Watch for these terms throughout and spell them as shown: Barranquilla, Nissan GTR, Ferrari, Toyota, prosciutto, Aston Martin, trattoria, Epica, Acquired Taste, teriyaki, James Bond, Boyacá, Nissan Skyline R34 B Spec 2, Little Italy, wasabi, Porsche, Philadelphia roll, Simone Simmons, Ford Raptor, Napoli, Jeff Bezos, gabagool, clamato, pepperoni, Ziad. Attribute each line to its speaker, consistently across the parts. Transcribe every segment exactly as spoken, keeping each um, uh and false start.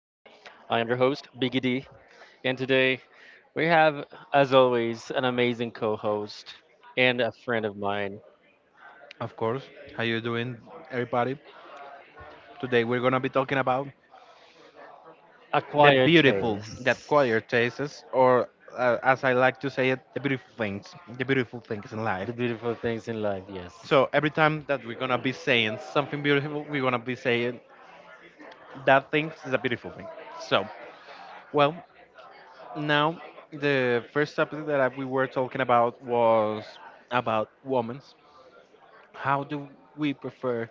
Speaker 1: I am your host, Biggie D, and today we have, as always, an amazing co host and a friend of mine,
Speaker 2: Of course. How you doing, everybody? Today we're gonna be talking about the
Speaker 1: Acquired
Speaker 2: beautiful, the
Speaker 1: Taste.
Speaker 2: acquired tastes, or uh, as I like to say it, the beautiful things, the beautiful things in
Speaker 1: The
Speaker 2: life.
Speaker 1: beautiful things in life, yes.
Speaker 2: So every time that we're gonna be saying something beautiful, we're gonna be saying that thing is a beautiful thing. So, well, now the first topic that I- we were talking about was about women's. How do we prefer,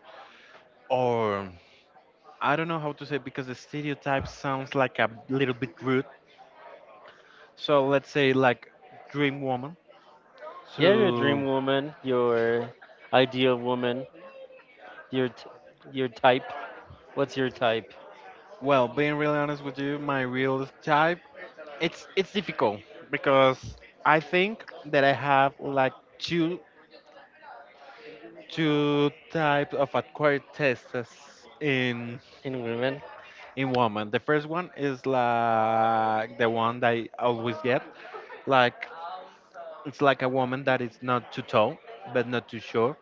Speaker 2: or I don't know how to say because the stereotype sounds like a little bit rude. So let's say like dream woman.
Speaker 1: Yeah, your
Speaker 2: So,
Speaker 1: dream woman, your ideal woman, your, t- your type. What's your type
Speaker 2: well, being really honest with you, my real type, it's it's difficult because I think that I have like two two types of acquired tastes in
Speaker 1: in women?
Speaker 2: in woman. The first one is like the one that I always get. Like it's like a woman that is not too tall but not too short,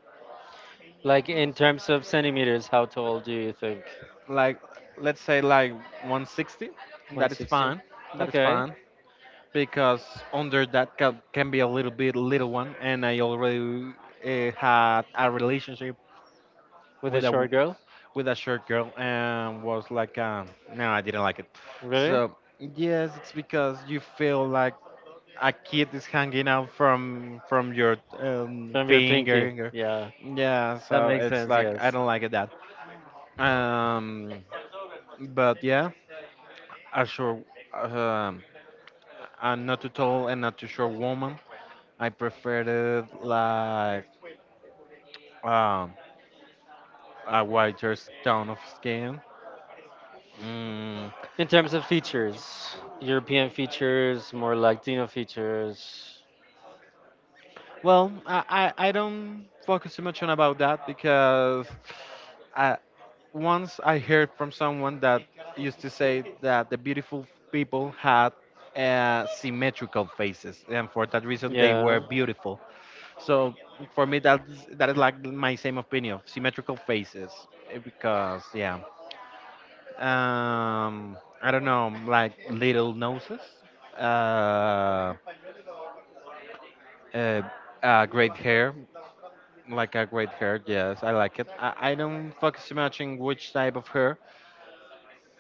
Speaker 1: Like in terms of centimeters, how tall do you think?
Speaker 2: like let's say like one sixty. That is
Speaker 1: one sixty?
Speaker 2: fine, that is
Speaker 1: Okay.
Speaker 2: fine, because under that can, can be a little bit little one, and I already uh, had a relationship
Speaker 1: With a
Speaker 2: with a w-
Speaker 1: short girl?
Speaker 2: with a short girl, and was like, um, no, I didn't like it.
Speaker 1: Really?
Speaker 2: So yes, it's because you feel like a kid is hanging out from from your um,
Speaker 1: From your pinky.
Speaker 2: finger.
Speaker 1: Yeah,
Speaker 2: Yeah,
Speaker 1: that
Speaker 2: so
Speaker 1: makes
Speaker 2: it's
Speaker 1: sense,
Speaker 2: like I
Speaker 1: yes.
Speaker 2: don't like it that. um but yeah, a short, um and not too tall and not too short woman. I preferred it like, um a whiter s- tone of skin. Mm,
Speaker 1: In terms of features, European features, more Latino features.
Speaker 2: well, I, I I don't focus too much on about that because, I, once I heard from someone that used to say that the beautiful people had uh, symmetrical faces, and for that reason they were
Speaker 1: Yeah,
Speaker 2: beautiful. So for me, that's that is like my same opinion of symmetrical faces, eh, because yeah, um, I don't know, like little noses, uh, uh, uh, great hair, like a great hair. Yes, I like it. I, I don't focus too much on which type of hair.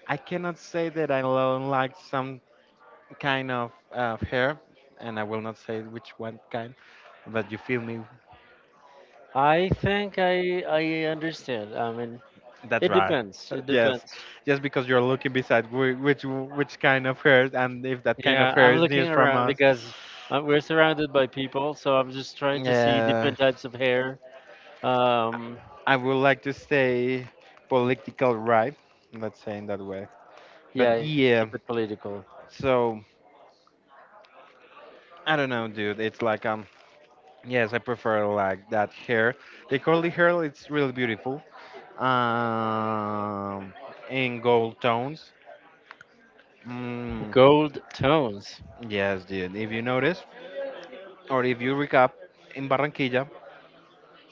Speaker 2: I cannot say that I don't like some kind of uh, hair, and I will not say which one kind, but you feel me.
Speaker 1: I think I I understand. I mean,
Speaker 2: That's
Speaker 1: it
Speaker 2: right.
Speaker 1: depends. It
Speaker 2: Yes,
Speaker 1: depends.
Speaker 2: just because you're looking beside whi- which which kind of hair, and if that kind of
Speaker 1: Yeah,
Speaker 2: hair
Speaker 1: I'm
Speaker 2: is
Speaker 1: looking
Speaker 2: near from
Speaker 1: around
Speaker 2: us,
Speaker 1: because uh, we're surrounded by people, so I'm just trying to see
Speaker 2: yeah,
Speaker 1: different types of hair. Um,
Speaker 2: I would like to say political right, let's say in that way. But
Speaker 1: yeah, keep
Speaker 2: yeah,
Speaker 1: it political.
Speaker 2: so I don't know, dude. It's like, um, yes, I prefer like that hair. The curly hair, it's really beautiful. Um, in gold tones. Mm.
Speaker 1: Gold tones.
Speaker 2: Yes, dude. If you notice, or if you recap, in Barranquilla,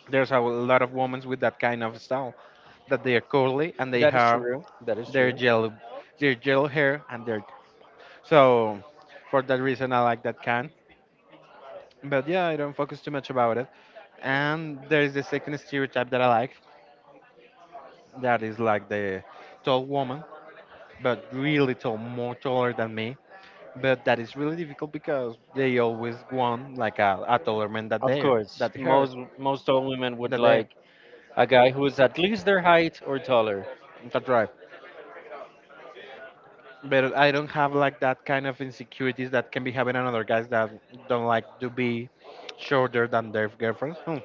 Speaker 2: there's a lot of women with that kind of style, that they are curly and they
Speaker 1: That is
Speaker 2: have
Speaker 1: true. That is
Speaker 2: their
Speaker 1: true.
Speaker 2: yellow, their yellow hair and their. So, for that reason, I like that kind. But yeah, I don't focus too much about it. And there is the second stereotype that I like, that is like the tall woman, but really tall, more taller than me. But that is really difficult because they always want like a, a taller man that
Speaker 1: Of
Speaker 2: they
Speaker 1: course,
Speaker 2: that her
Speaker 1: most most all women would
Speaker 2: that they.
Speaker 1: like a guy who is at least their height or taller.
Speaker 2: That's right. But I don't have like that kind of insecurities that can be having on other guys that don't like to be shorter than their girlfriends. Hmm.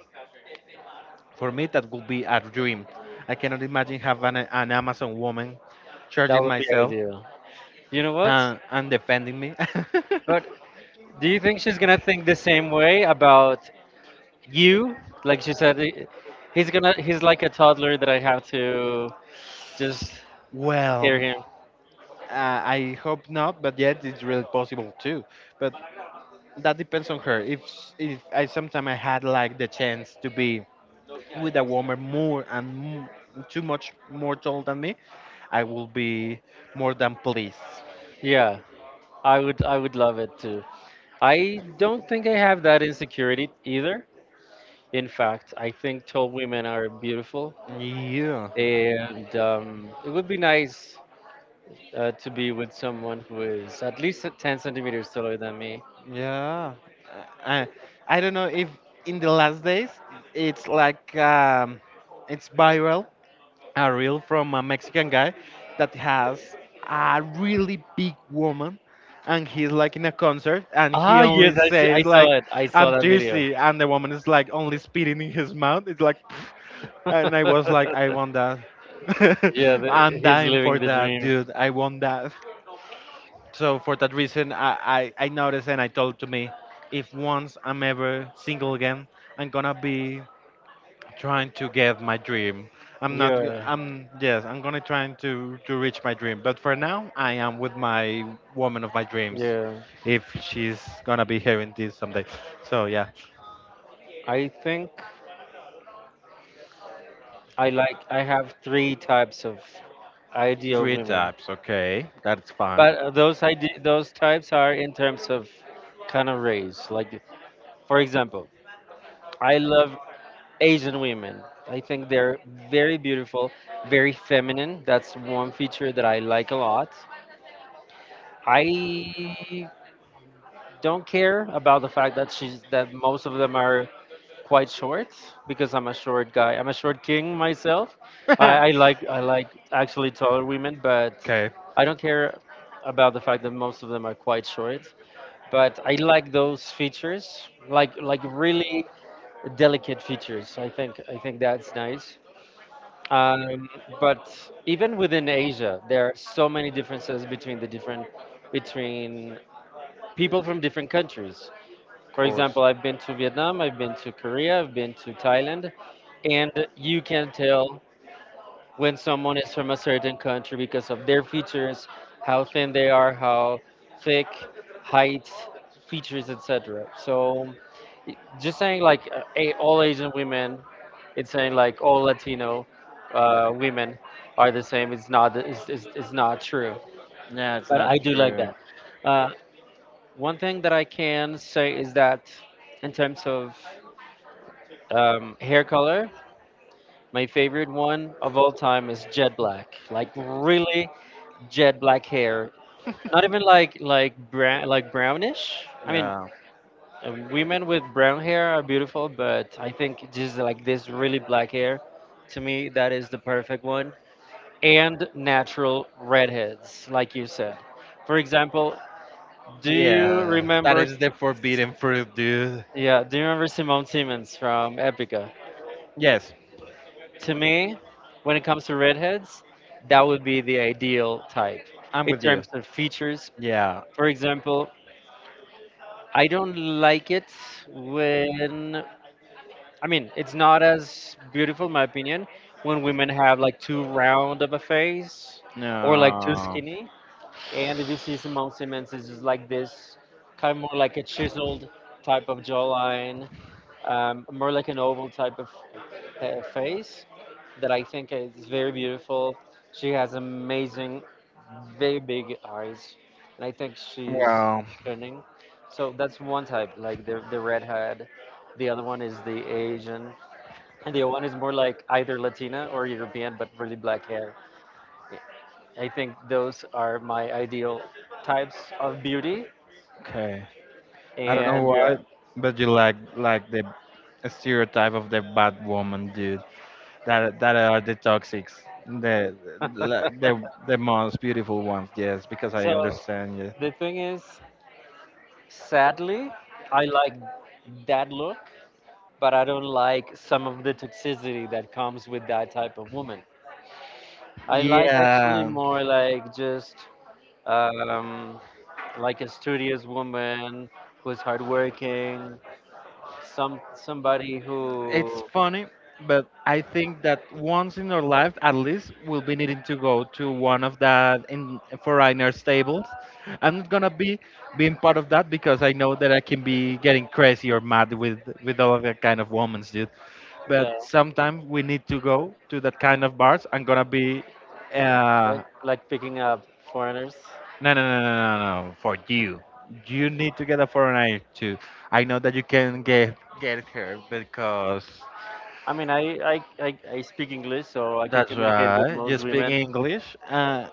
Speaker 2: For me, that would be a dream. I cannot imagine having an, an Amazon woman
Speaker 1: That
Speaker 2: charging
Speaker 1: would be
Speaker 2: myself
Speaker 1: ideal. You know what?
Speaker 2: uh, and defending me.
Speaker 1: But do you think she's gonna think the same way about you? Like she said, "I- he's gonna he's like a toddler that I have to just
Speaker 2: Well,
Speaker 1: hear him."
Speaker 2: uh, I hope not, but yet it's really possible too. But that depends on her. If s- if I sometimes I had like the chance to be with a woman more and m- too much more tall than me, I will be more than pleased.
Speaker 1: Yeah, I would I would love it too. I don't think I have that insecurity either. In fact, I think tall women are beautiful,
Speaker 2: Yeah,
Speaker 1: and um, it would be nice uh, to be with someone who is at least ten centimeters taller than me.
Speaker 2: yeah. I, I don't know if in the last days it's like, um, it's viral a reel from a Mexican guy that has a really big woman, and he's like in a concert and he
Speaker 1: Ah, yes,
Speaker 2: only
Speaker 1: I see, I
Speaker 2: says
Speaker 1: saw
Speaker 2: like,
Speaker 1: it. I saw
Speaker 2: I'm
Speaker 1: that video.
Speaker 2: thirsty, and the woman is like only spitting in his mouth. It's like and I was like, I want that.
Speaker 1: Yeah, the,
Speaker 2: I'm
Speaker 1: he's
Speaker 2: dying for
Speaker 1: living the
Speaker 2: that,
Speaker 1: dream.
Speaker 2: dude. I want that. So for that reason I, I, I noticed and I told to me, if once I'm ever single again I'm gonna be trying to get my dream. I'm not. g-
Speaker 1: Yeah,
Speaker 2: I'm yes. I'm gonna trying to to reach my dream. But for now, I am with my woman of my dreams,
Speaker 1: yeah.
Speaker 2: if she's gonna be hearing this someday. So yeah,
Speaker 1: I think I like I have three types of ideal
Speaker 2: three
Speaker 1: women.
Speaker 2: types. Okay, that's fine.
Speaker 1: But uh, those I D, those types are in terms of kind of race. Like, for example, I love Asian women. I think they're very beautiful, very feminine. That's one feature that I like a lot. I don't care about the fact that she's that most of them are quite short because I'm a short guy. I'm a short king myself. I, I like I like actually taller women, but
Speaker 2: Okay,
Speaker 1: I don't care about the fact that most of them are quite short. But I like those features, like like really delicate features. I think I think that's nice. Um, but even within Asia, there are so many differences between the different between people from different countries.
Speaker 2: of
Speaker 1: For example,
Speaker 2: course.
Speaker 1: I've been to Vietnam, I've been to Korea, I've been to Thailand, and you can tell when someone is from a certain country because of their features, how thin they are, how thick, height, features, et cetera. So, i- just saying like uh, a, all Asian women, it's saying like all Latino uh, women are the same. It's not it's, it's, it's not true.
Speaker 2: Yeah, it's
Speaker 1: But
Speaker 2: not
Speaker 1: I do like
Speaker 2: true.
Speaker 1: that. Uh, one thing that I can say is that in terms of um, hair color, my favorite one of all time is jet black. Like really jet black hair. Not even like like brown like brownish. I mean,
Speaker 2: Yeah.
Speaker 1: uh, women with brown hair are beautiful, but I think just like this really black hair, to me that is the perfect one. And natural redheads, like you said. For example, do you
Speaker 2: Yeah, that
Speaker 1: remember?
Speaker 2: is the forbidden fruit, dude.
Speaker 1: Yeah, do you remember Simone Simmons from Epica?
Speaker 2: Yes,
Speaker 1: To me, when it comes to redheads, that would be the ideal type
Speaker 2: I'm
Speaker 1: in
Speaker 2: with you.
Speaker 1: terms of features.
Speaker 2: Yeah.
Speaker 1: For example, I don't like it when I mean it's not as beautiful in my opinion when women have like too round of a face or like too
Speaker 2: No.
Speaker 1: skinny. And if you see Simone Simmons it's just like this, kind of more like a chiseled type of jawline, um, more like an oval type of uh, face that I think is very beautiful. She has amazing, very big eyes, and I think she's
Speaker 2: Well,
Speaker 1: stunning. So that's one type, like the the redhead. The other one is the Asian, and the other one is more like either Latina or European, but really black hair. I think those are my ideal types of beauty.
Speaker 2: okay. I don't know
Speaker 1: And
Speaker 2: why, but you like like the stereotype of the bad woman, dude. That that are the toxics. The
Speaker 1: uh,
Speaker 2: like the the most beautiful ones. Yes, because I
Speaker 1: so
Speaker 2: understand you.
Speaker 1: the thing is, sadly, I like that look, but I don't like some of the toxicity that comes with that type of woman. I like actually
Speaker 2: Yeah.
Speaker 1: more like just um, like a studious woman who's hardworking, some somebody
Speaker 2: It's
Speaker 1: who,
Speaker 2: funny, but I think that once in our life, at least, we'll be needing to go to one of that in foreigners tables. I'm not gonna be being part of that because I know that I can be getting crazy or mad with with all of that kind of women, dude. But
Speaker 1: yeah,
Speaker 2: sometimes we need to go to that kind of bars. I'm gonna be,
Speaker 1: like
Speaker 2: uh,
Speaker 1: like picking up foreigners.
Speaker 2: no, no, no, no, no, no, no, for you. You need to get a foreigner too. I know that you can get get her because.
Speaker 1: I mean, I I, I, I speak English, so I can
Speaker 2: That's
Speaker 1: communicate with
Speaker 2: right. You
Speaker 1: most
Speaker 2: speak
Speaker 1: women.
Speaker 2: English, uh,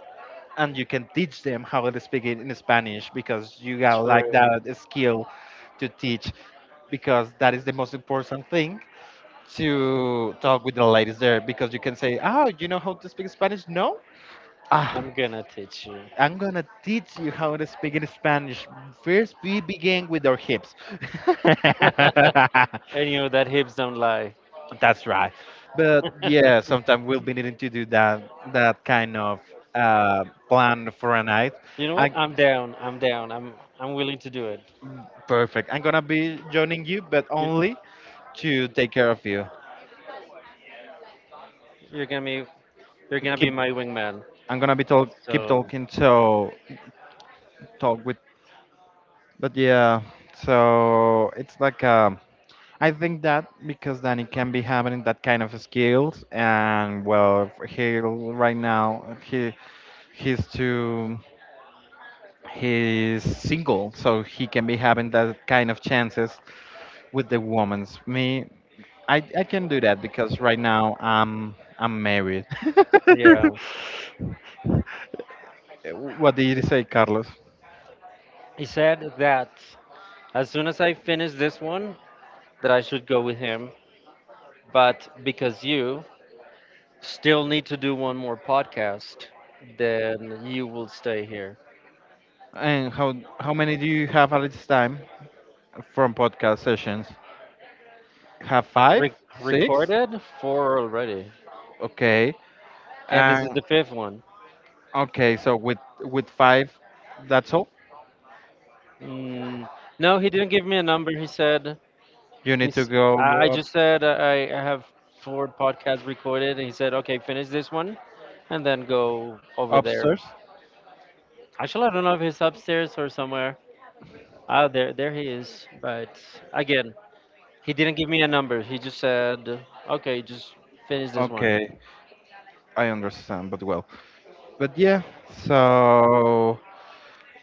Speaker 2: and you can teach them how to speak it in Spanish because you got
Speaker 1: True.
Speaker 2: like that skill to teach because that is the most important thing to talk with the ladies there because you can say, "Oh, you know how to speak Spanish?" No. Ah,
Speaker 1: I'm gonna teach you.
Speaker 2: I'm gonna teach you how to speak in Spanish. First, we begin with our hips.
Speaker 1: And you know that hips don't lie.
Speaker 2: That's right. But yeah, sometimes we'll be needing to do that that kind of uh, plan for a night.
Speaker 1: You know what?
Speaker 2: I
Speaker 1: I'm down. I'm down. I'm I'm willing to do it.
Speaker 2: Perfect. I'm gonna be joining you, but
Speaker 1: You,
Speaker 2: only to take care of you.
Speaker 1: you're gonna be you're gonna be
Speaker 2: Keep.
Speaker 1: my wingman.
Speaker 2: I'm gonna be talk. Keep
Speaker 1: So
Speaker 2: talking. So talk with. But yeah. So it's like um. I think that because then it can be having that kind of skills, and well, he right now he he's too. He's single, so he can be having that kind of chances with the woman's. Me, I, I can do that because right now I'm I'm married.
Speaker 1: yeah.
Speaker 2: What did you say, Carlos?
Speaker 1: He said that as soon as I finish this one, that I should go with him. But because you still need to do one more podcast, then you will stay here.
Speaker 2: And how how many do you have at this time from podcast sessions? Have five,
Speaker 1: Re-
Speaker 2: six?
Speaker 1: recorded four already,
Speaker 2: Okay,
Speaker 1: and this
Speaker 2: and
Speaker 1: is the fifth one.
Speaker 2: okay. So with with five, that's all.
Speaker 1: Mm, no, he didn't give me a number. He said
Speaker 2: You need to
Speaker 1: he's.
Speaker 2: go
Speaker 1: I I
Speaker 2: up,
Speaker 1: just said I, I have four podcasts recorded, and he said, "Okay, finish this one, and then go over there."
Speaker 2: upstairs.
Speaker 1: Actually, I don't know if he's upstairs or somewhere. Oh, there, there he is. But again, he didn't give me a number. He just said, "Okay, just finish this one."
Speaker 2: Okay, I understand, but well. But yeah, so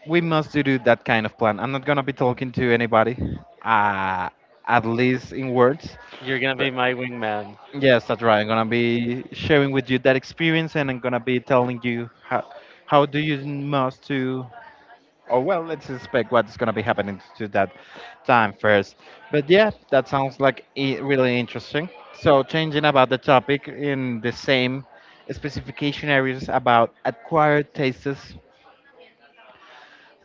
Speaker 2: we must do do that kind of plan. I'm not gonna be talking to anybody, uh, at least in words.
Speaker 1: You're gonna
Speaker 2: But
Speaker 1: be my wingman.
Speaker 2: yes, that's right. I'm gonna be sharing with you that experience, and I'm gonna be telling you how how do you must to. Oh well, let's expect what's gonna be happening to that time first. But yeah, that sounds like i- really interesting. So changing about the topic in the same specification areas about acquired tastes,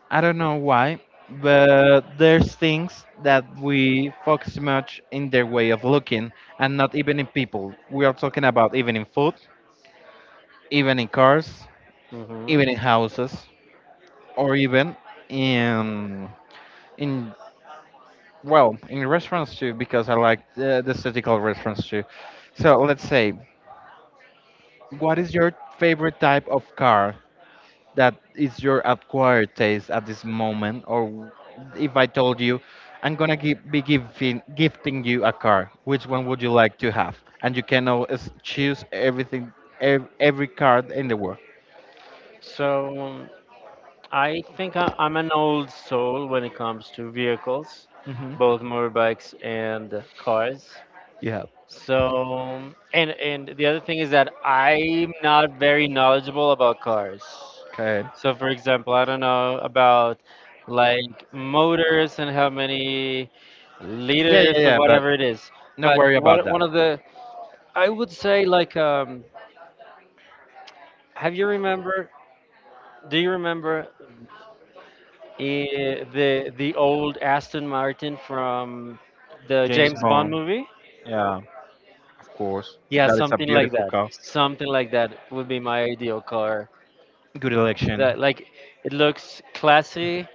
Speaker 2: I don't know why, but there's things that we focus much in their way of looking and not even in people. We are talking about even in food, even in cars,
Speaker 1: Hmm
Speaker 2: even in houses, or even in in well, in restaurants too because I like the, the aesthetical restaurants too. So let's say, what is your favorite type of car? That is your acquired taste at this moment, or if I told you I'm gonna give, be giving, gifting you a car, which one would you like to have, and you can always choose everything, ev- every card in the world.
Speaker 1: So um, I think I, I'm an old soul when it comes to vehicles,
Speaker 2: Hmm.
Speaker 1: both motorbikes and cars.
Speaker 2: You have.
Speaker 1: So, and and the other thing is that I'm not very knowledgeable about cars.
Speaker 2: Okay.
Speaker 1: So, for example, I don't know about like motors and how many
Speaker 2: Yeah,
Speaker 1: liters
Speaker 2: yeah,
Speaker 1: or
Speaker 2: yeah, but
Speaker 1: whatever it is.
Speaker 2: don't
Speaker 1: But
Speaker 2: worry
Speaker 1: one
Speaker 2: about
Speaker 1: one
Speaker 2: that.
Speaker 1: of the I would say like um, have you remember? Do you remember eh, the the old Aston Martin from the
Speaker 2: James
Speaker 1: James Bond
Speaker 2: Bond,
Speaker 1: movie?
Speaker 2: yeah, of course.
Speaker 1: Yeah,
Speaker 2: That is a
Speaker 1: something like
Speaker 2: beautiful
Speaker 1: that.
Speaker 2: car.
Speaker 1: Something like that would be my ideal car.
Speaker 2: Good election.
Speaker 1: That like it looks classy.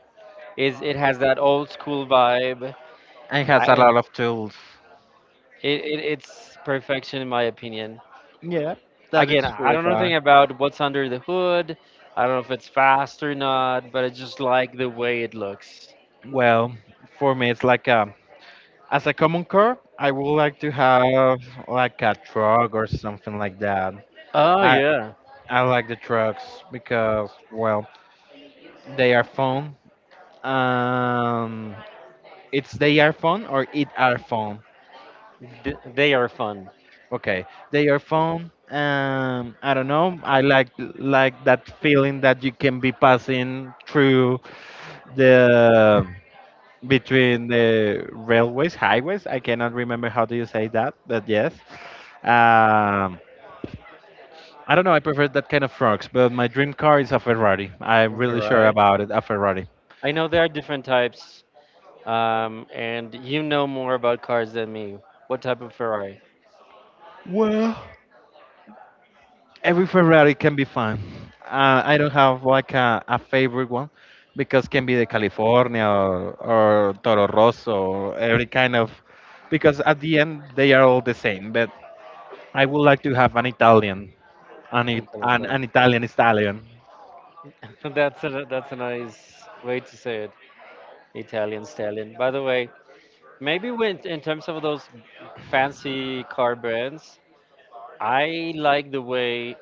Speaker 1: Is it has that old school vibe.
Speaker 2: And it has
Speaker 1: I,
Speaker 2: a
Speaker 1: and
Speaker 2: lot of tools.
Speaker 1: it, it it's perfection in my opinion.
Speaker 2: Yeah, that
Speaker 1: Again,
Speaker 2: is
Speaker 1: I
Speaker 2: really
Speaker 1: don't know
Speaker 2: fun.
Speaker 1: anything about what's under the hood. I don't know if it's fast or not, but I just like the way it looks.
Speaker 2: Well, for me, it's like a, as a common car, I would like to have like a truck or something like that.
Speaker 1: Oh
Speaker 2: I
Speaker 1: yeah,
Speaker 2: I like the trucks because well, they are fun. Um, it's they are fun or it are fun.
Speaker 1: Th- they are fun.
Speaker 2: Okay, they are fun. Um, I don't know. I like like that feeling that you can be passing through the between the railways, highways. I cannot remember how do you say that, but yes. Um, I don't know. I prefer that kind of frogs, but my dream car is a Ferrari. I'm
Speaker 1: Okay,
Speaker 2: really sure
Speaker 1: right.
Speaker 2: about it. A Ferrari.
Speaker 1: I know there are different types, um, and you know more about cars than me. What type of Ferrari?
Speaker 2: Well, every Ferrari can be fun. Uh, I don't have like a, a favorite one because can be the California, or, or Toro Rosso or every kind of because at the end they are all the same. But I would like to have an Italian, an, It-
Speaker 1: Okay,
Speaker 2: an,
Speaker 1: okay.
Speaker 2: an Italian stallion.
Speaker 1: That's a that's a nice way to say it. Italian stallion. By the way, maybe when in terms of those fancy car brands, I like the way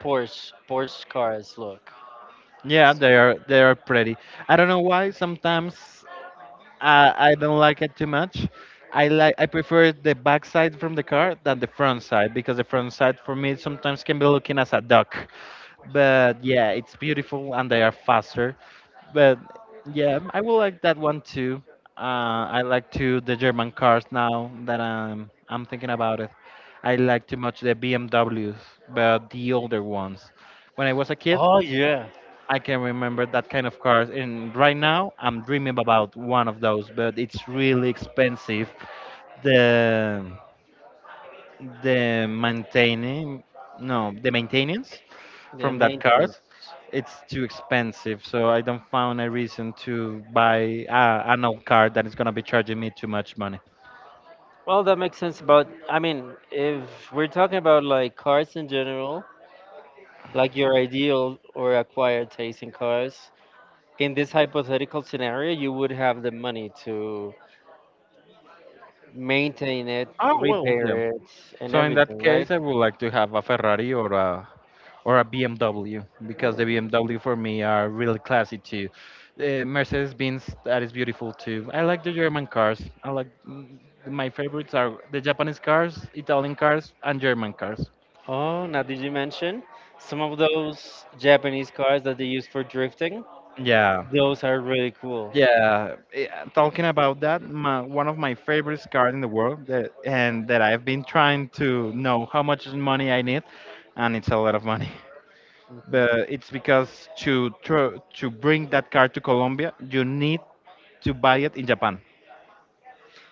Speaker 1: Porsche Porsche cars look.
Speaker 2: Yeah, they are they are pretty. I don't know why sometimes I, I don't like it too much. I like I prefer the back side from the car than the front side because the front side for me sometimes can be looking as a duck. But yeah, it's beautiful and they are faster. But yeah, I will like that one too. Uh, I like to the German cars now that I'm I'm thinking about it. I like too much the B M Ws, but the older ones when I was a kid,
Speaker 1: Oh yeah,
Speaker 2: I can remember that kind of cars, and right now I'm dreaming about one of those, but it's really expensive. The the maintaining, no, the maintenance
Speaker 1: the
Speaker 2: from that
Speaker 1: maintenance.
Speaker 2: cars, it's too expensive. So I don't found a reason to buy uh, an old car that is gonna be charging me too much money.
Speaker 1: Well, that makes sense. But I mean, if we're talking about like cars in general, like your ideal or acquired taste in cars, in this hypothetical scenario, you would have the money to maintain it,
Speaker 2: Oh well,
Speaker 1: repair
Speaker 2: yeah.
Speaker 1: it, and
Speaker 2: So in that
Speaker 1: everything,
Speaker 2: case,
Speaker 1: right?
Speaker 2: I would like to have a Ferrari or a or a B M W because the B M W for me are really classy too. Uh, Mercedes Benz that is beautiful too. I like the German cars. I like mm, my favorites are the Japanese cars, Italian cars, and German cars.
Speaker 1: Oh, now did you mention some of those Japanese cars that they use for drifting?
Speaker 2: Yeah,
Speaker 1: Those are really cool.
Speaker 2: yeah. eh, Talking about that, my, one of my favorite cars in the world that and that I've been trying to know how much money I need, and it's a lot of money.
Speaker 1: Hmm.
Speaker 2: But it's because to tr- to bring that car to Colombia, you need to buy it in Japan.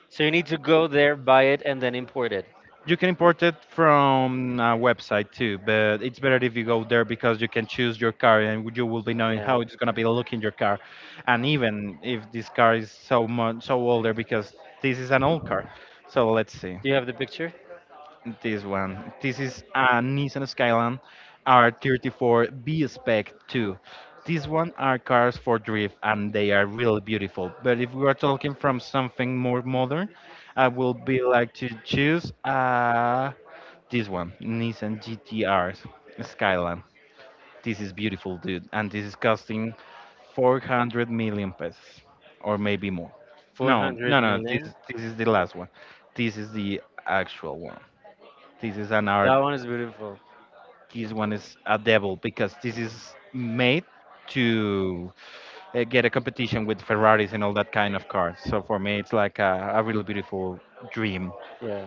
Speaker 1: So you need to go there, buy it, and then import it.
Speaker 2: You can import it from a website too, but it's better if you go there because you can choose your car and you will be knowing
Speaker 1: Yeah.
Speaker 2: how it's gonna be looking your car, and even if this car is so much so older because this is an old car. So let's see
Speaker 1: Do you have the picture?
Speaker 2: this one. This is a Nissan Skyline R thirty-four B Spec two. These one are cars for drift and they are really beautiful. But if we are talking from something more modern, I will be like to choose. Uh, this one, Nissan G T R's Skyline. This is beautiful, dude, and this is costing four hundred million pesos, or maybe more. No,
Speaker 1: four hundred
Speaker 2: no, no. This
Speaker 1: million.
Speaker 2: this is the last one. This is the actual one. This is an art.
Speaker 1: That one is beautiful.
Speaker 2: This one is a devil because this is made to uh, get a competition with Ferraris and all that kind of cars. So for me, it's like a, a really beautiful dream.
Speaker 1: Yeah.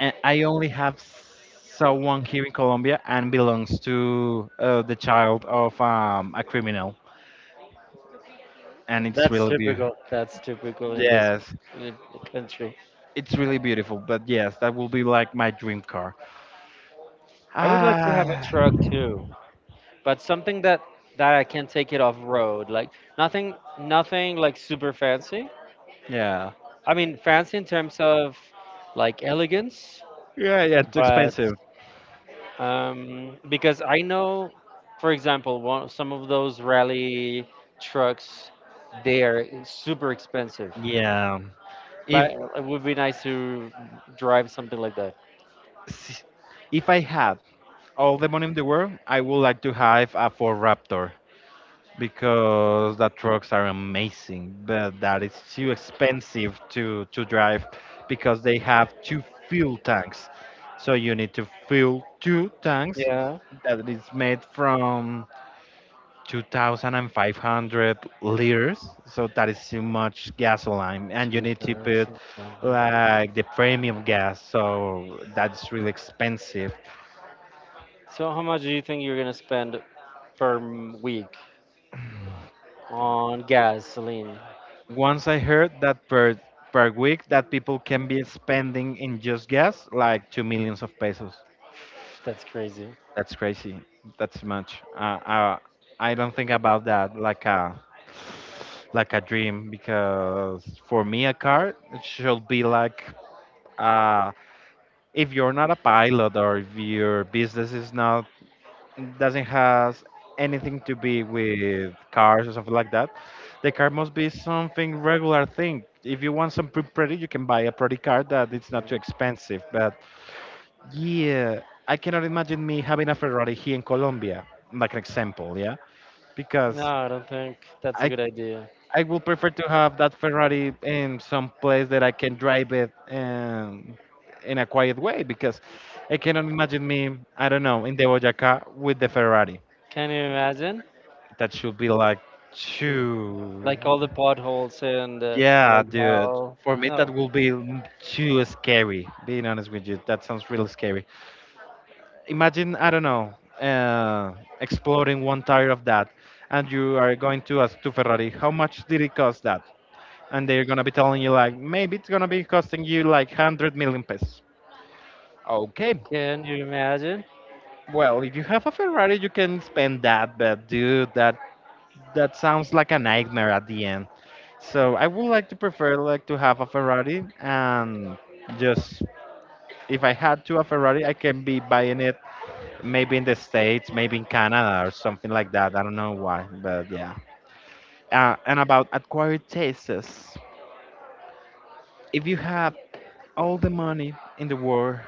Speaker 2: And I only have someone here in Colombia and belongs to uh, the child of um, a criminal, and it's
Speaker 1: That's
Speaker 2: really beautiful.
Speaker 1: typical. That's typical in this
Speaker 2: Yes,
Speaker 1: uh, country.
Speaker 2: it's really beautiful. But yes, that will be like my dream car.
Speaker 1: I would like to have a
Speaker 2: Ah,
Speaker 1: truck too, but something that that I can take it off road. Like nothing, nothing like super fancy,
Speaker 2: yeah,
Speaker 1: I mean, fancy in terms of like elegance,
Speaker 2: yeah, yeah. Too
Speaker 1: but
Speaker 2: expensive.
Speaker 1: um, because I know, for example, one, some of those rally trucks, they are super expensive.
Speaker 2: Yeah. If
Speaker 1: But it would be nice to drive something like that.
Speaker 2: s- if I had all the money in the world, I would like to have a Ford Raptor. Because the trucks are amazing, but that is too expensive to to drive because they have two fuel tanks. So you need to fill two tanks
Speaker 1: Yeah,
Speaker 2: that is made from two thousand five hundred liters. So that is too much gasoline, and you
Speaker 1: two
Speaker 2: need to put
Speaker 1: thousand five hundred.
Speaker 2: like the premium gas. So that's really expensive.
Speaker 1: So how much do you think you're gonna spend per m- week on gasoline?
Speaker 2: Once I heard that per per week that people can be spending in just gas like two millions of pesos.
Speaker 1: That's crazy.
Speaker 2: That's crazy. That's much. Uh, uh, I don't think about that like a like a dream because for me a car it should be like uh, if you're not a pilot or if your business is not doesn't has anything to be with cars or something like that. The car must be something regular thing. If you want something pretty, you can buy a pretty car that it's not
Speaker 1: Mhm.
Speaker 2: too expensive. But yeah, I cannot imagine me having a Ferrari here in Colombia, like an example, yeah,
Speaker 1: No,
Speaker 2: because
Speaker 1: I don't think that's a
Speaker 2: I
Speaker 1: good idea.
Speaker 2: I will prefer to have that Ferrari in some place that I can drive it and in a quiet way because I cannot imagine me, I don't know, in the Boyacá with the Ferrari.
Speaker 1: Can you imagine?
Speaker 2: That should be like
Speaker 1: True.
Speaker 2: too.
Speaker 1: Like all the potholes and uh,
Speaker 2: Yeah,
Speaker 1: like
Speaker 2: dude.
Speaker 1: how.
Speaker 2: For me,
Speaker 1: No,
Speaker 2: that will be m- too scary. Being honest with you, that sounds really scary. Imagine, I don't know, uh, exploding one tire of that, and you are going to ask to Ferrari, how much did it cost that? And they're gonna be telling you like, maybe it's gonna be costing you like hundred million pesos. Okay,
Speaker 1: can you imagine?
Speaker 2: well, if you have a Ferrari, you can spend that, but dude, that that sounds like a nightmare at the end. So I would like to prefer like to have a Ferrari and just if I had to a Ferrari, I can be buying it maybe in the States, maybe in Canada or something like that. I don't know why, but yeah. Uh, and about acquired tastes, if you have all the money in the world,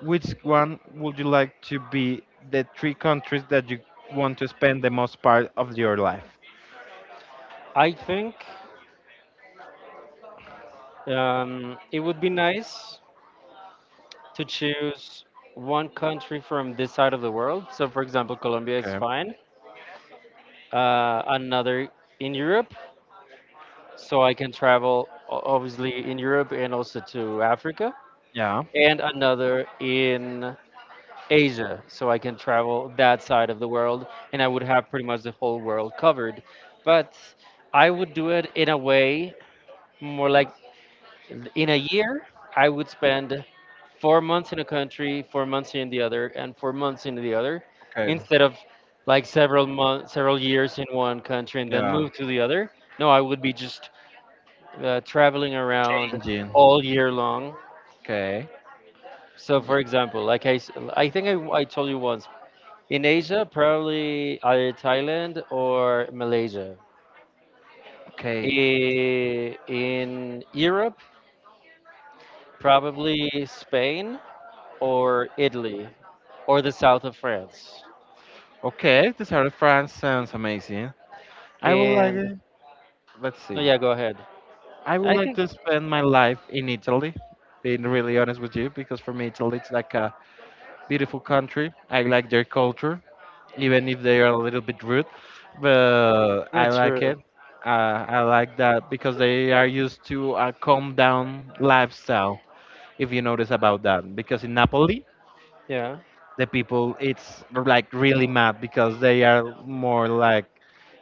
Speaker 2: which one would you like to be the three countries that you want to spend the most part of your life?
Speaker 1: I think um, it would be nice to choose one country from this side of the world. So, for example, Colombia is
Speaker 2: Okay.
Speaker 1: fine. Uh, another in Europe, so I can travel o- obviously in Europe and also to Africa.
Speaker 2: Yeah.
Speaker 1: And another in Asia, so I can travel that side of the world, and I would have pretty much the whole world covered. But I would do it in a way more like in a year, I would spend four months in a country, four months in the other, and four months in the other,
Speaker 2: Okay.
Speaker 1: instead of like several months, several years in one country and then
Speaker 2: Yeah.
Speaker 1: move to the other. No, I would be just uh, traveling around
Speaker 2: Changing.
Speaker 1: all year long.
Speaker 2: Okay.
Speaker 1: So, for example, like I, s- I think I, I told you once, in Asia, probably either Thailand or Malaysia.
Speaker 2: Okay.
Speaker 1: I- In Europe, probably Spain or Italy or the south of France.
Speaker 2: Okay, the South of France sounds amazing. I would like
Speaker 1: And
Speaker 2: it. Let's
Speaker 1: oh
Speaker 2: see.
Speaker 1: yeah, go ahead.
Speaker 2: I would
Speaker 1: I
Speaker 2: like
Speaker 1: think
Speaker 2: to spend my life in Italy, being really honest with you, because for me, Italy it's like a beautiful country. I like their culture, even if they are a little bit rude, but I
Speaker 1: that's
Speaker 2: like
Speaker 1: true.
Speaker 2: it. Uh, I like that because they are used to a calm down lifestyle, if you notice about that. Because in Napoli,
Speaker 1: Yeah,
Speaker 2: the people it's like really mad because they are more like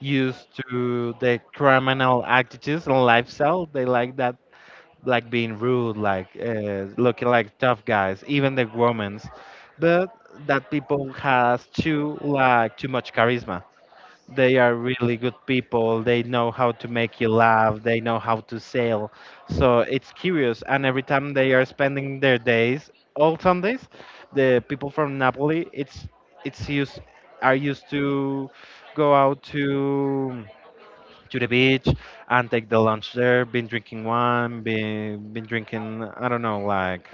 Speaker 2: used to the criminal attitudes and lifestyle they like that like being rude like uh, looking like tough guys even the women's but that people has too like too much charisma they are really good people. They know how to make you laugh. They know how to sell. So it's curious. And every time they are spending their days, all Sundays, the people from Napoli, it's it's used are used to go out to to the beach and take the lunch there. Been drinking wine. Been been drinking. I don't know, like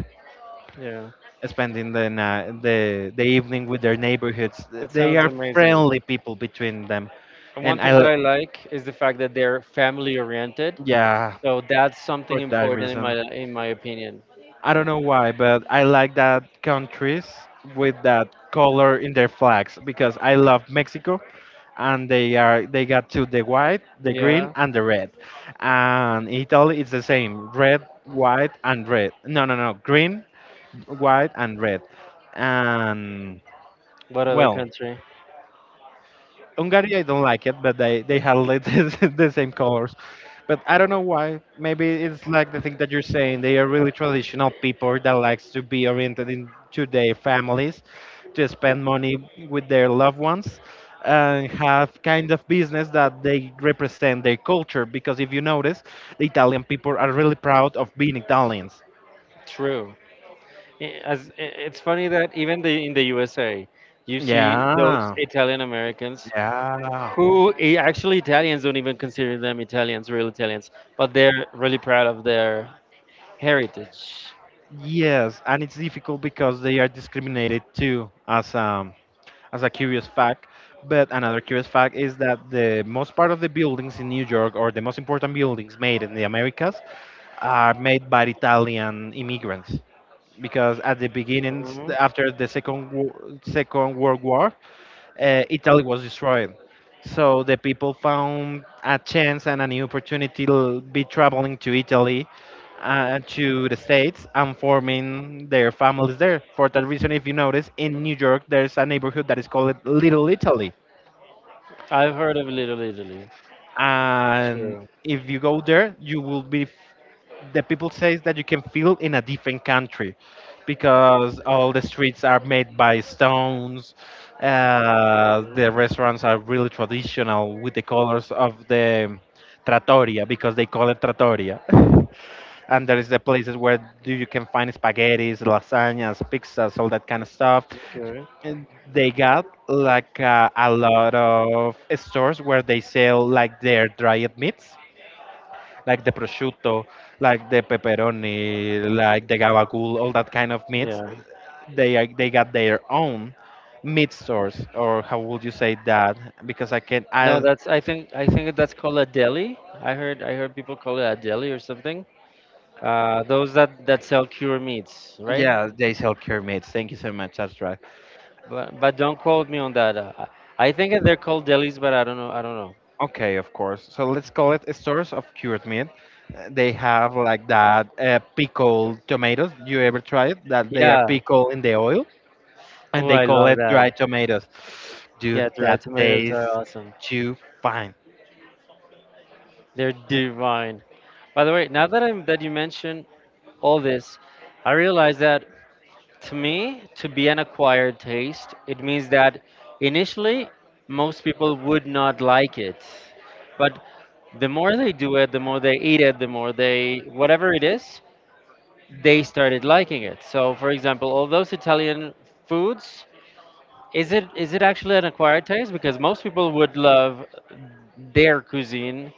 Speaker 1: yeah.
Speaker 2: spending the night, the the evening with their neighborhoods.
Speaker 1: That
Speaker 2: They
Speaker 1: sounds
Speaker 2: are
Speaker 1: amazing.
Speaker 2: friendly people between them,
Speaker 1: And one
Speaker 2: and I.
Speaker 1: thing that
Speaker 2: l-
Speaker 1: I like is the fact that they're family oriented.
Speaker 2: yeah,
Speaker 1: So that's something
Speaker 2: for that
Speaker 1: important in my
Speaker 2: reason.
Speaker 1: in my opinion.
Speaker 2: I don't know why, but I like that countries with that color in their flags because I love Mexico and they are they got to the white, the green
Speaker 1: Yeah.
Speaker 2: and the red. And in Italy it's the same, red, white and red. No, no, no, green, white and red. And
Speaker 1: What other
Speaker 2: well,
Speaker 1: country?
Speaker 2: Hungary, I don't like it, but they they had like the the same colors. But I don't know why. Maybe it's like the thing that you're saying. They are really traditional people that likes to be oriented into their families, to spend money with their loved ones, and have kind of business that they represent their culture. Because if you notice, the Italian people are really proud of being Italians.
Speaker 1: True. I- as i- it's funny that even the in the U S A, you see those
Speaker 2: Yeah,
Speaker 1: Italian Americans
Speaker 2: yeah.
Speaker 1: who i- actually Italians don't even consider them Italians, real Italians, but they're really proud of their heritage.
Speaker 2: Yes, and it's difficult because they are discriminated too as um as a curious fact. But another curious fact is that the most part of the buildings in New York, or the most important buildings made in the Americas, are made by Italian immigrants. Because at the beginnings,
Speaker 1: Hmm.
Speaker 2: after the Second Wo- Second World War, uh, Italy was destroyed. So the people found a chance and a new opportunity to be traveling to Italy, uh, to the States, and forming their families there. For that reason, if you notice, in New York, there's a neighborhood that is called Little Italy
Speaker 1: I've heard of Little Italy.
Speaker 2: and
Speaker 1: True.
Speaker 2: if you go there you will be f- the people says that you can feel in a different country because all the streets are made by stones uh,
Speaker 1: Mhm.
Speaker 2: the restaurants are really traditional with the colors of the trattoria because they call it trattoria and there is the places where do you can find spaghettis lasagnas pizzas all that kind of stuff
Speaker 1: Okay.
Speaker 2: and they got like uh, a lot of stores where they sell like their dried meats, like the prosciutto, like the pepperoni, like the gabagool, all that kind of meats.
Speaker 1: Yeah.
Speaker 2: They are- they got their own meat stores, or how would you say that? Because I can,
Speaker 1: No,
Speaker 2: I
Speaker 1: that's I think I think that's called a deli. I heard I heard people call it a deli or something. Uh, those that that sell cured meats, right?
Speaker 2: yeah, they sell cured meats. Thank you so much, Astra.
Speaker 1: But, but don't quote me on that. Uh, I I think that they're called delis, but I don't know. I don't know.
Speaker 2: Okay, of course. So let's call it a source of cured meat. Uh, They have like that uh, pickled tomatoes. You ever try it? That they are
Speaker 1: Yeah.
Speaker 2: pickled in the oil and
Speaker 1: Oh,
Speaker 2: they
Speaker 1: I
Speaker 2: call
Speaker 1: love
Speaker 2: it
Speaker 1: that.
Speaker 2: dried tomatoes. Dude,
Speaker 1: Yeah, dried
Speaker 2: that
Speaker 1: tomatoes are
Speaker 2: tastes
Speaker 1: awesome.
Speaker 2: too fine.
Speaker 1: They're divine. By the way, now that I'm that you mention all this, I realize that to me, to be an acquired taste, it means that initially most people would not like it, but the more they do it, the more they eat it, the more they whatever it is, they started liking it. So, for example, all those Italian foods, is it is it actually an acquired taste? Because most people would love their cuisine,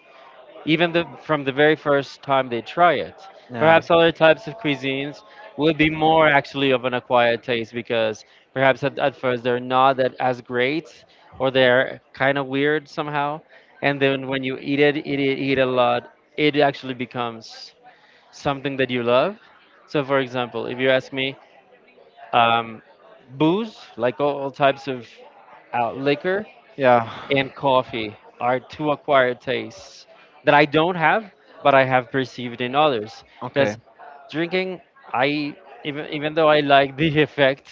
Speaker 1: even the, from the very first time they try it.
Speaker 2: Yeah.
Speaker 1: Perhaps other types of cuisines will be more actually of an acquired taste because perhaps at, at first they're not that as great or they're kind of weird somehow. And then when you eat it, eat it, eat a lot, it actually becomes something that you love. So, for example, if you ask me, um, booze, like all, all types of uh, liquor,
Speaker 2: Yeah.
Speaker 1: and coffee are two acquired tastes that I don't have, but I have perceived in others.
Speaker 2: Okay.
Speaker 1: Because drinking, I even even though I like the effect,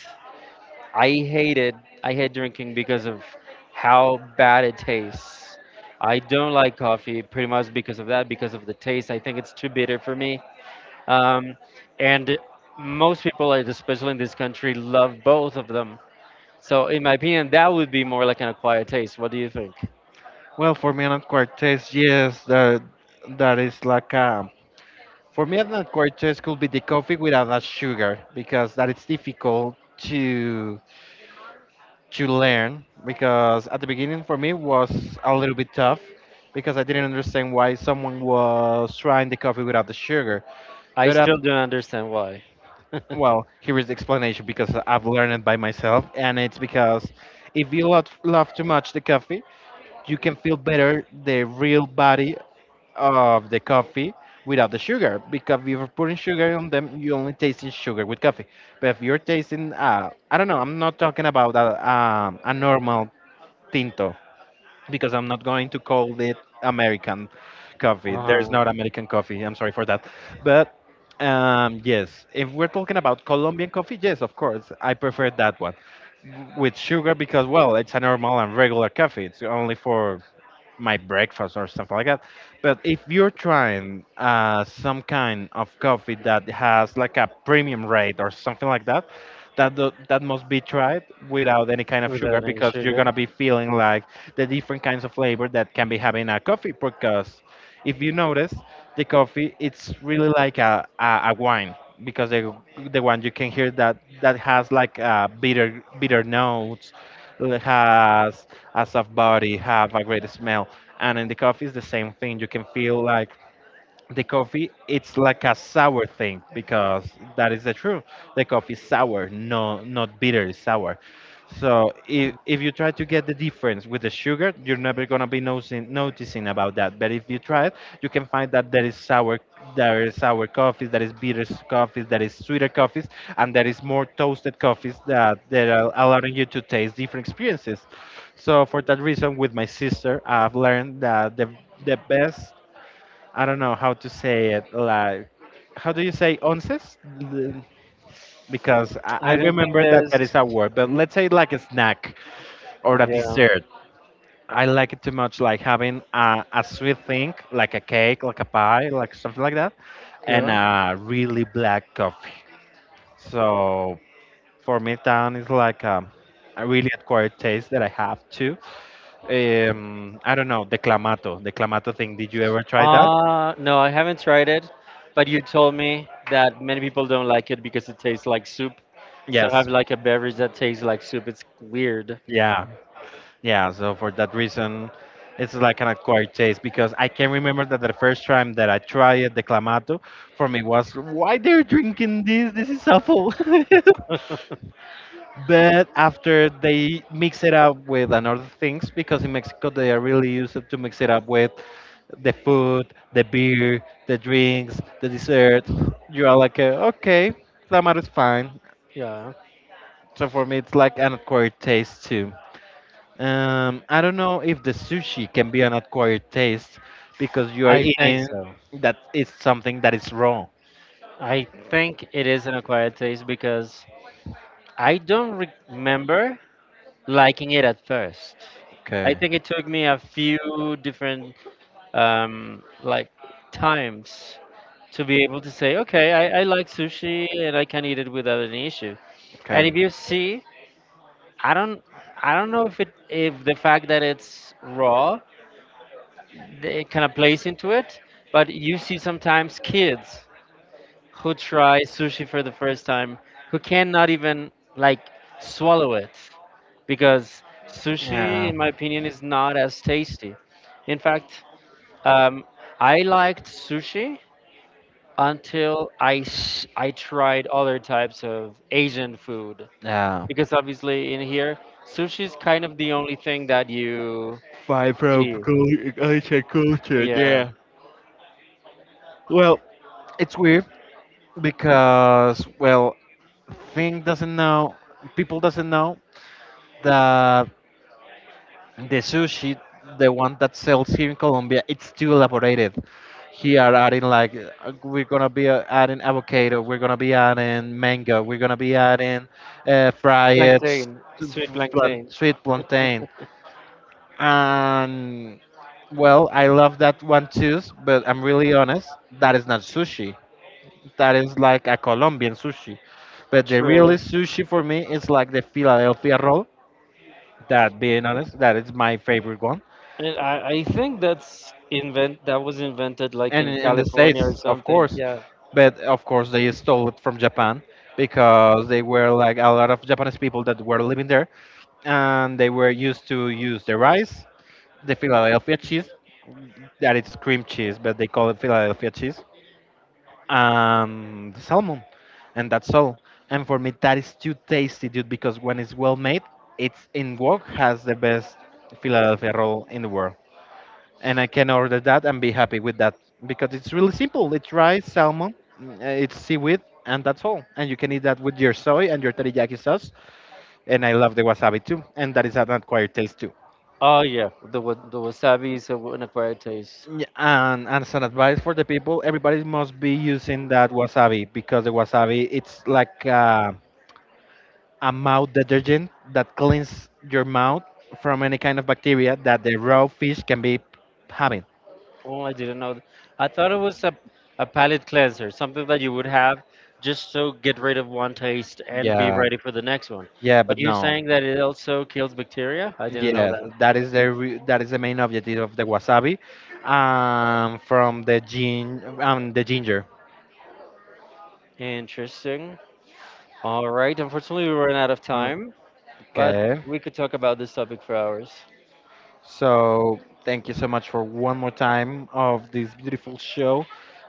Speaker 1: I hate it. I hate drinking because of how bad it tastes. I don't like coffee pretty much because of that, because of the taste. I think it's too bitter for me, um, and most people, like, especially in this country, love both of them. So, in my opinion, that would be more like an acquired taste. What do you think?
Speaker 2: Well, for me, not quite taste, yes, that that is like a For me, an cortes could be the coffee without a sugar because that it's difficult to to learn. Because at the beginning, for me, was a little bit tough because I didn't understand why someone was trying the coffee without the sugar.
Speaker 1: I
Speaker 2: But uh,
Speaker 1: still don't understand why.
Speaker 2: well, here is the explanation because I've learned it by myself, and it's because if you lot love too much the coffee, you can feel better the real body of the coffee without the sugar because if you're putting sugar on them you only tasting sugar with coffee but if you're tasting uh, I don't know, I'm not talking about a, um, a normal tinto because I'm not going to call it American coffee, there's
Speaker 1: Uh-huh.
Speaker 2: not American coffee, I'm sorry for that but um, yes, if we're talking about Colombian coffee, yes, of course I prefer that one with sugar because well it's a normal and regular coffee, it's only for my breakfast or something like that. But if you're trying uh, some kind of coffee that has like a premium rate or something like that, that do- that must be tried without any kind of sugar
Speaker 1: Without any
Speaker 2: because you're
Speaker 1: sugar.
Speaker 2: gonna be feeling like the different kinds of flavor that can be having a coffee because if you notice, the coffee it's really like a, a, a wine because the the one you can hear that that has like uh, bitter bitter notes, l- has a soft body, have a great smell, and in the coffee it's the same thing. You can feel like the coffee it's like a sour thing because that is the truth, the coffee is sour, no, not bitter, it's sour. So if,
Speaker 1: Mm.
Speaker 2: if you try to get the difference with the sugar you're never going to be noticing, noticing about that, but if you try it you can find that there is sour, there is sour coffees, there is bitter s- coffees, there is sweeter coffees, and there is more toasted coffees that that are allowing you to taste different experiences. So for that reason, with my sister, I've learned that the the best, I don't know how to say it. Like, how do you say onces? L- Because I, I
Speaker 1: I don't think
Speaker 2: remember that
Speaker 1: there's.
Speaker 2: that is a word, but let's say like a snack or a
Speaker 1: Yeah.
Speaker 2: dessert. I like it too much, like having a, a sweet thing, like a cake, like a pie, like something like that, and
Speaker 1: Yeah.
Speaker 2: a really black coffee. So for me, town is like a, a really acquired taste that I have too. Um, I don't know, the clamato, the clamato thing. Did you ever try that?
Speaker 1: Uh, no, I haven't tried it, but you told me that many people don't like it because it tastes like soup. So
Speaker 2: Yes.
Speaker 1: have like a beverage that tastes like soup. It's weird.
Speaker 2: Yeah. Yeah, so for that reason, it's like an acquired taste because I can remember that the first time that I tried it, the clamato, for me was why they're drinking this? This is awful. But after they mix it up with another things, because in Mexico they are really used to mix it up with the food, the beer, the drinks, the dessert. You are like, uh, okay, clamato is fine.
Speaker 1: Yeah.
Speaker 2: So for me, it's like an acquired taste too. Um, I don't know if the sushi can be an acquired taste because you are
Speaker 1: I think
Speaker 2: eating
Speaker 1: so.
Speaker 2: that is something that is raw.
Speaker 1: I think it is an acquired taste because I don't re- remember liking it at first. I
Speaker 2: Okay.
Speaker 1: think it took me a few different um, like times to be able to say, okay, I, I like sushi and I can eat it without any issue. And
Speaker 2: Okay.
Speaker 1: if you see, I don't, I don't know if it, if the fact that it's raw, th- it kind of plays into it. But you see sometimes kids who tries sushi for the first time who cannot even like swallow it because sushi
Speaker 2: Yeah.
Speaker 1: in my opinion is not as tasty. In fact, um, I liked sushi until I, s- I tried other types of Asian food
Speaker 2: Yeah.
Speaker 1: because obviously in here sushi is kind of the only thing that you
Speaker 2: Five from
Speaker 1: see.
Speaker 2: cul- Asian culture,
Speaker 1: Yeah.
Speaker 2: yeah. Well, it's weird because well, thing doesn't know, people doesn't know that the sushi, the one that sells here in Colombia, it's too elaborated. Here are adding like uh, we're gonna be uh, adding avocado, we're gonna be adding mango, we're gonna be adding uh, fried s-
Speaker 1: Plantain, sweet
Speaker 2: f- plant,
Speaker 1: plantain.
Speaker 2: sweet plantain, and well, I love that one too. But I'm really honest, that is not sushi. That is like a Colombian sushi. But the real
Speaker 1: True.
Speaker 2: sushi for me is like the Philadelphia roll. That being honest, that is my favorite one
Speaker 1: And I, I think that's invent that was invented like
Speaker 2: and
Speaker 1: in
Speaker 2: in in the states,
Speaker 1: California or
Speaker 2: of
Speaker 1: something.
Speaker 2: course,
Speaker 1: Yeah.
Speaker 2: but of course they stole it from Japan because they were like a lot of Japanese people that were living there and they were used to use the rice, the Philadelphia cheese, that it's cream cheese but they call it Philadelphia cheese, and the salmon, and that's all. And for me that is too tasty, dude, because when it's well made, it's in Wok, has the best Philadelphia roll in the world, and I can order that and be happy with that because it's really simple. It's rice, salmon, mm, uh, it's seaweed, and that's all. And you can eat that with your soy and your teriyaki sauce. And I love the wasabi too, and that is an acquired taste too.
Speaker 1: Oh yeah, the wa- the wasabi is a, an acquired taste.
Speaker 2: Yeah, and, and as an advice for the people, everybody must be using that wasabi because the wasabi it's like uh, a mouth detergent that cleans your mouth from any kind of bacteria that the raw fish can be having.
Speaker 1: Oh, I didn't know. th- I thought it was a a palate cleanser, something that you would have just to get rid of one taste and be
Speaker 2: Yeah,
Speaker 1: ready for the next one.
Speaker 2: yeah,
Speaker 1: But
Speaker 2: but
Speaker 1: you're
Speaker 2: no.
Speaker 1: saying that it also kills bacteria? I didn't know
Speaker 2: Yeah,
Speaker 1: that.
Speaker 2: that is the re- that is the main objective of the wasabi, um, from the gin um the ginger.
Speaker 1: Interesting. All right. Unfortunately, we ran out of time, but
Speaker 2: Okay,
Speaker 1: we could talk about this topic for hours.
Speaker 2: so thank you so much for one more time of this beautiful show,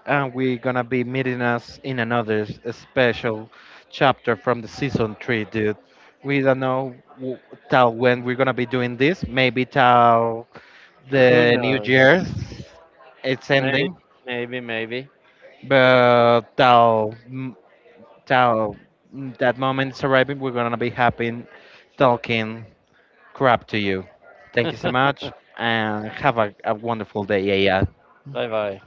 Speaker 2: and we're gonna be meeting us in another s- special chapter from the season three, dude. We don't know w- Till when we're gonna be doing this. Maybe till
Speaker 1: Who
Speaker 2: the New
Speaker 1: knows?
Speaker 2: Year's it's
Speaker 1: May-
Speaker 2: ending,
Speaker 1: Maybe, maybe.
Speaker 2: but till, so mm, that moment is arriving. We're gonna be happy talking crap to you. Thank you so
Speaker 1: Bye
Speaker 2: much, and have a, a wonderful day. Yeah, yeah.
Speaker 1: bye.